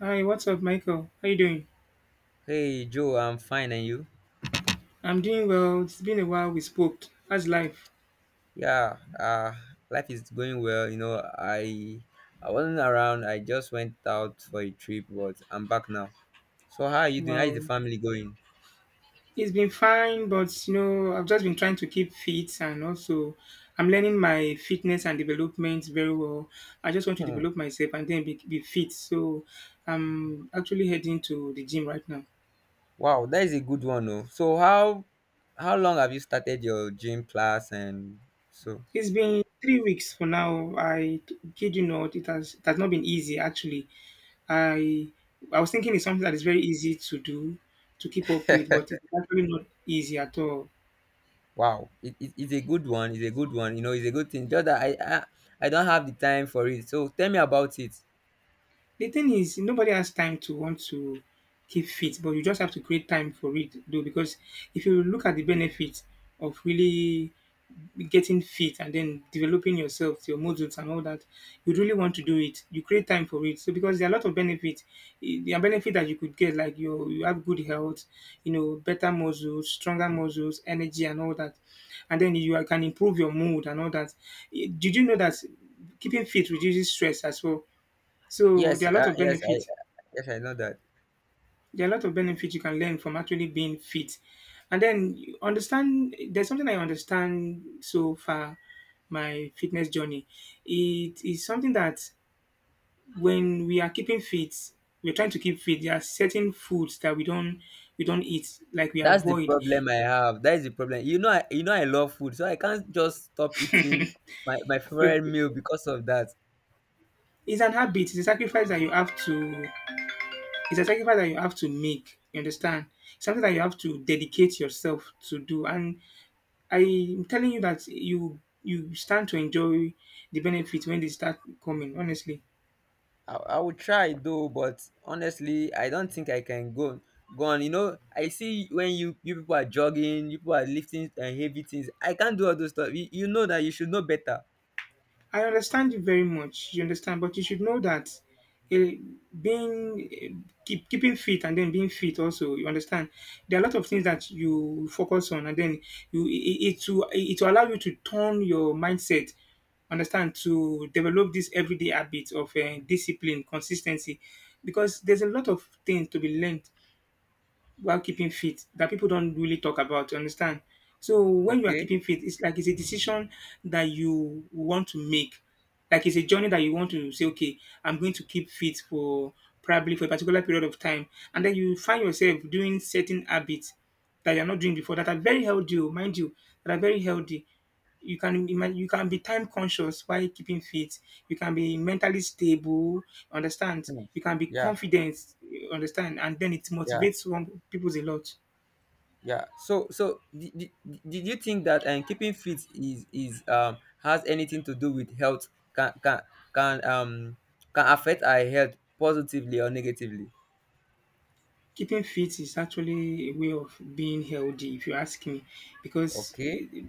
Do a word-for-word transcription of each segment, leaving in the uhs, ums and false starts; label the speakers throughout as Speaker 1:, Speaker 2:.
Speaker 1: Hi, what's up, Michael? How you doing?
Speaker 2: Hey Joe, I'm fine, and you?
Speaker 1: I'm doing well. It's been a while we spoke. How's life?
Speaker 2: Yeah, uh, life is going well. You know, I I wasn't around. I just went out for a trip, but I'm back now. So how are you doing? How is the
Speaker 1: Wow.
Speaker 2: family going?
Speaker 1: It's been fine, but you know, I've just been trying to keep fit and also I'm learning my fitness and development very well. I just want to
Speaker 2: Hmm.
Speaker 1: develop myself and then be, be fit. So I'm actually heading to the gym right now.
Speaker 2: Wow, that is a good one, though. So how how long have you started your gym class? And so
Speaker 1: It's been three weeks for now. I kid you not, it has it has not been easy actually. I I was thinking it's something that is very easy to do, to keep up with, but it's actually not easy at all.
Speaker 2: Wow, it, it, it's a good one. It's a good one. You know, it's a good thing. Just that I, I I don't have the time for it. So tell me about it.
Speaker 1: The thing is, nobody has time to want to keep fit, but you just have to create time for it, though. Because if you look at the benefits of really getting fit and then developing yourself, your muscles and all that, you really want to do it. You create time for it. So because there are a lot of benefits, eh, there are benefits that you could get, like you you have good health, you know, better muscles, stronger muscles, energy and all that, and then you are- can improve your mood and all that. Eh, Did you know that keeping fit reduces stress as well? So
Speaker 2: Yes,
Speaker 1: there
Speaker 2: uh,
Speaker 1: are a lot of
Speaker 2: yes, I
Speaker 1: benefits.
Speaker 2: yes I know that.
Speaker 1: There are a lot of benefits you can learn from actually being fit. And then you understand there's something I understand so far my fitness journey. It is something that when we are keeping fit, we're trying to keep fit. There are certain foods that we don't we don't eat, like we
Speaker 2: That's the
Speaker 1: avoid.
Speaker 2: problem I have. That is the problem. You know, I, you know, I love food, so I can't just stop eating my, my
Speaker 1: You
Speaker 2: favorite meal because of that.
Speaker 1: it's an habit, it's a sacrifice that you have to it's a sacrifice that you have to make. You understand? Something that you have to dedicate yourself to do. And I'm telling you that you you stand to enjoy the benefit when they start coming. Honestly,
Speaker 2: I, I would try though, but honestly, I don't think I can go go on. You know, I see when you you people are jogging, you people are lifting uh, heavy things. I can't do all those stuff. You, you know that you should know better.
Speaker 1: I understand you very much. You understand, but you should know that eh, being eh, keep, keeping fit and then being fit also. You understand, there are a lot of things that you focus on, and then you it, it will it will allow you to turn your mindset understand to develop this everyday habit of uh, discipline consistency because there's a lot of things to be learned while keeping fit that people don't really talk about. You understand? So when you are
Speaker 2: Okay.
Speaker 1: keeping fit, it's like it's a decision that you want to make. Like it's a journey that you want to say, okay, I'm going to keep fit for probably for a particular period of time. And then you find yourself doing certain habits that you're not doing before that are very healthy, oh, mind you, that are very healthy you can be man- you can be time conscious while keeping fit you can be mentally stable understand
Speaker 2: Hmm.
Speaker 1: you can be
Speaker 2: Yeah.
Speaker 1: confident you understand and then it
Speaker 2: Yeah.
Speaker 1: motivates one people a lot.
Speaker 2: Yeah. So so did, did, did you think that um, keeping fit is is um has anything to do with health? Can can can um can affect our health positively or negatively?
Speaker 1: Keeping fit is actually a way of being healthy, if you ask me, because
Speaker 2: Okay,
Speaker 1: eh,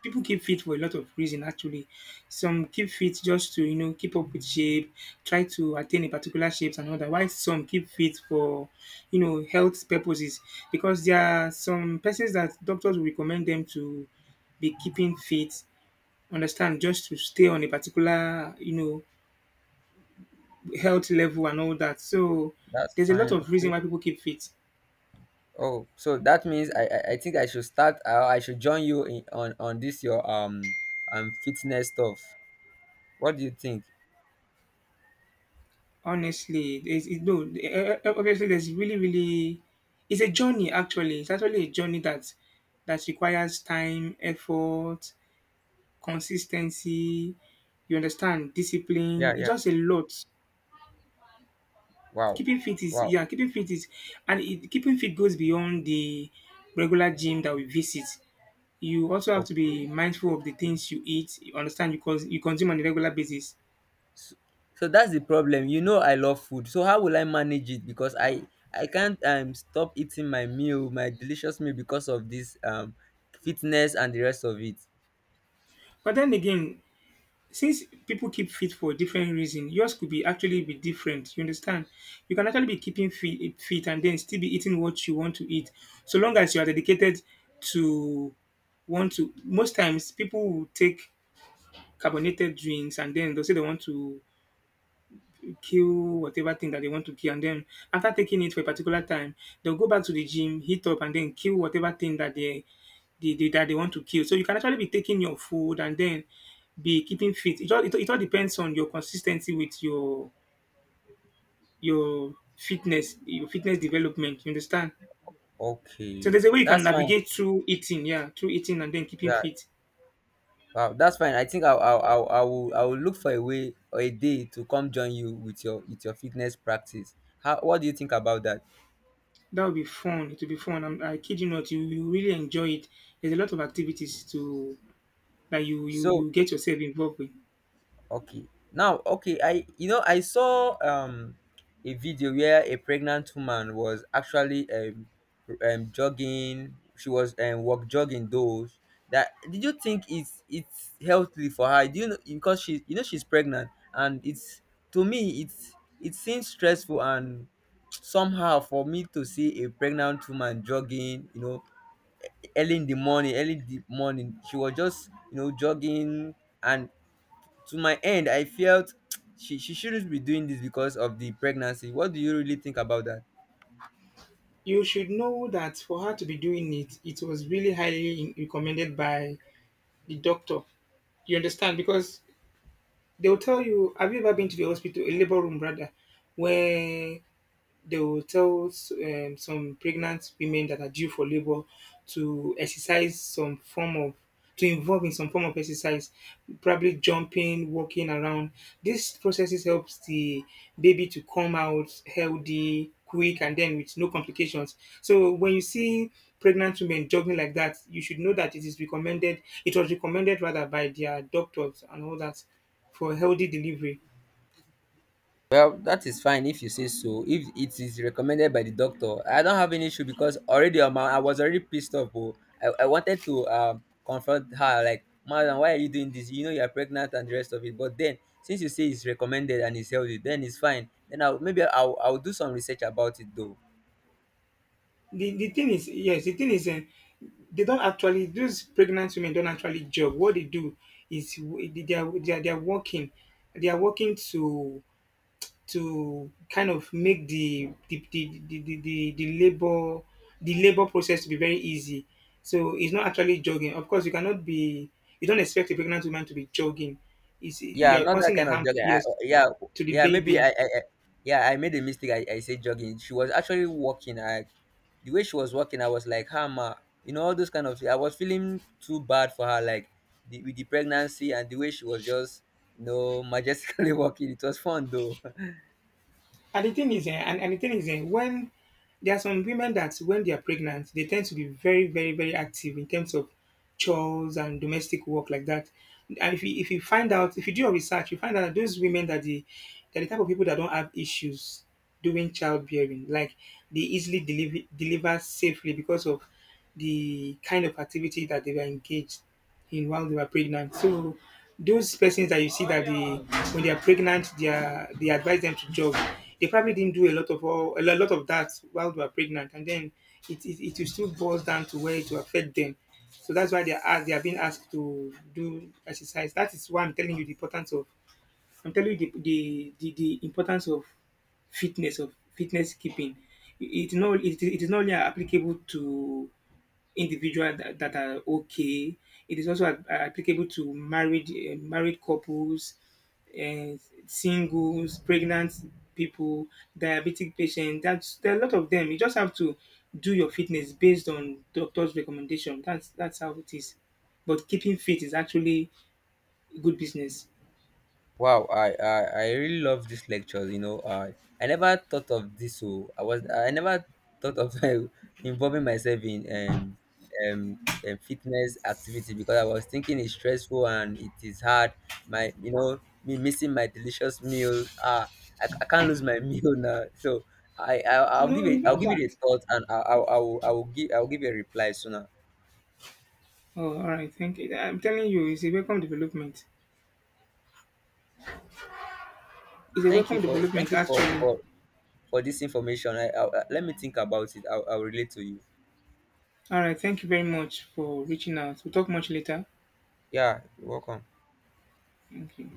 Speaker 1: people keep fit for a lot of reason. Actually, some keep fit just to you know keep up with shape, try to attain a particular shape and other. While some keep fit for you know health purposes, because there are some persons that doctors will recommend them to be keeping fit. Understand, just to stay on a particular you know health level and all that. So
Speaker 2: that's
Speaker 1: there's a lot
Speaker 2: fine.
Speaker 1: of reason
Speaker 2: Okay.
Speaker 1: why people keep fit.
Speaker 2: Oh, so that means I I, I think I should start. Uh, I should join you in, on on this your um um fitness stuff. What do you think?
Speaker 1: Honestly, there's it, no. eh, eh, eh, Obviously, there's really, really. It's a journey. Actually, it's actually a journey that that requires time, effort, consistency. You understand discipline.
Speaker 2: Yeah.
Speaker 1: It's
Speaker 2: Yeah.
Speaker 1: just a lot.
Speaker 2: Wow.
Speaker 1: Keeping fit is
Speaker 2: Wow.
Speaker 1: yeah. Keeping fit is, and it, keeping fit goes beyond the regular gym that we visit. You also have to be
Speaker 2: Okay.
Speaker 1: mindful of the things you eat. You understand you cause you consume on a regular basis.
Speaker 2: So so that's the problem. You know I love food. So how will I manage it? Because I I can't um stop eating my meal, my delicious meal because of this um fitness and the rest of it.
Speaker 1: But then again, since people keep fit for different reason yours could be actually be different you understand you can actually be keeping fit, fit and then still be eating what you want to eat so long as you are dedicated to want to most times people will take carbonated drinks and then they'll say they want to kill whatever thing that they want to kill. And then after taking it for a particular time, they'll go back to the gym, heat up, and then kill whatever thing that they, they, they that they want to kill. So you can actually be taking your food and then be keeping fit. It all it, all- it all depends on your consistency with your your fitness, your fitness development. You understand? So
Speaker 2: Okay,
Speaker 1: there's a way you can
Speaker 2: that's fine.
Speaker 1: navigate through eating, yeah, through eating and then keeping
Speaker 2: Yeah,
Speaker 1: fit.
Speaker 2: wow, that's fine. I think I'll I'll, I'll I will I will look for a way or a day to come join you with your with your fitness practice. How what do you think about that?
Speaker 1: That would be fun. It will be fun. I'm, I kid you not. You you really enjoy it. There's a lot of activities to that you you
Speaker 2: So
Speaker 1: you get yourself involved with.
Speaker 2: Okay. Now, okay, I you know I saw um a video where a pregnant woman was actually um um jogging. She was um walk jogging though. That Did you think it's it's healthy for her? Do you know, because she, you know, she's pregnant and it's, to me it's, it seems stressful and somehow for me to see a pregnant woman jogging, you know, early in the morning early in the morning she was just, you know, jogging. And to my end I felt she, she shouldn't be doing this because of the pregnancy. What do you really think about that?
Speaker 1: You should know that for her to be doing it, it was really highly recommended by the doctor. You understand? Because they'll tell you, have you ever been to the hospital, a labor room rather, where they will tell s- um, some pregnant women that are due for labor to exercise some form of to involve in some form of exercise probably jumping walking around these processes helps the baby to come out healthy quick and then with no complications so when you see pregnant women jogging like that you should know that it is recommended it was recommended rather by their doctors and all that for healthy delivery.
Speaker 2: Well, that is fine. If you say so, if it is recommended by the doctor, I don't have any issue, because already on my, I was already pissed off, oh. I, I wanted to um confront her like, madam, why are you doing this? You know, you're pregnant and the rest of it. But then, since you say it's recommended and it's healthy, then it's fine. Then i'll maybe i'll, I'll do some research about it though.
Speaker 1: The, the thing is yes the thing is uh, they don't actually those pregnant women don't actually jog what they do is w- they are they are, they are working they are working to to kind of make the the, the, the, the, the, the labor the labor process to be very easy so it's not actually jogging of course you cannot be you don't expect a pregnant woman to be jogging it's, you
Speaker 2: Yeah,
Speaker 1: are
Speaker 2: not that
Speaker 1: causing a
Speaker 2: kind of
Speaker 1: harm
Speaker 2: jogging. I,
Speaker 1: yes
Speaker 2: uh, yeah,
Speaker 1: to the
Speaker 2: yeah, maybe
Speaker 1: baby.
Speaker 2: I, I, I, yeah, I made a mistake. I, I said jogging. She was actually walking. I, the way she was walking, I was like, hammer. You know, all those kind of. I was feeling too bad for her, like the, with the pregnancy and the way she was just, you know, majestically walking. It was fun though.
Speaker 1: And the thing is, eh, and, and the thing is, eh, when there are some women that when they are pregnant, they tend to be very, very, very active in terms of chores and domestic work like that. And if you if you find out, if you do your research, you find out that those women that the are the type of people that don't have issues during childbearing, like they easily deliver deliver safely because of the kind of activity that they were engaged in while they were pregnant. So those persons that you see that they when they are pregnant, they are they advise them to jog. They probably didn't do a lot of all, a lot of that while they were pregnant, and then it, it, it will still boils down to where it will affect them. So that's why they are asked, they are being asked to do exercise. That is why I'm telling you the importance of I'm telling you the the, the, the importance of fitness of fitness keeping. It, it, not, it, it is not only applicable to individual that, that are okay. It is also a- applicable to married uh, married couples, uh, singles, pregnant people, diabetic patients. That's there are a lot of them. You just have to do your fitness based on doctor's recommendation. That's that's how it is. But keeping fit is actually good business.
Speaker 2: Wow, I, I I really love these lectures. You know, I I never thought of this. So I was I never thought of involving myself in um, um um fitness activity, because I was thinking it's stressful and it is hard. My, you know, me missing my delicious meal. Ah, I, I can't lose my meal now. So I, I I'll give
Speaker 1: No, it's
Speaker 2: it I'll
Speaker 1: not
Speaker 2: give it a
Speaker 1: that.
Speaker 2: thought. And I I, I will I will give I will give a reply sooner.
Speaker 1: Oh, all right. Thank you. I'm telling you, it's a welcome development. It's a
Speaker 2: Thank
Speaker 1: welcome
Speaker 2: you for thank
Speaker 1: development,
Speaker 2: you for
Speaker 1: actually.
Speaker 2: for for this information. I, I Let me think about it. I'll, I'll relate to you.
Speaker 1: All right. Thank you very much for reaching out. We'll talk much later.
Speaker 2: Yeah, you're welcome.
Speaker 1: Thank you.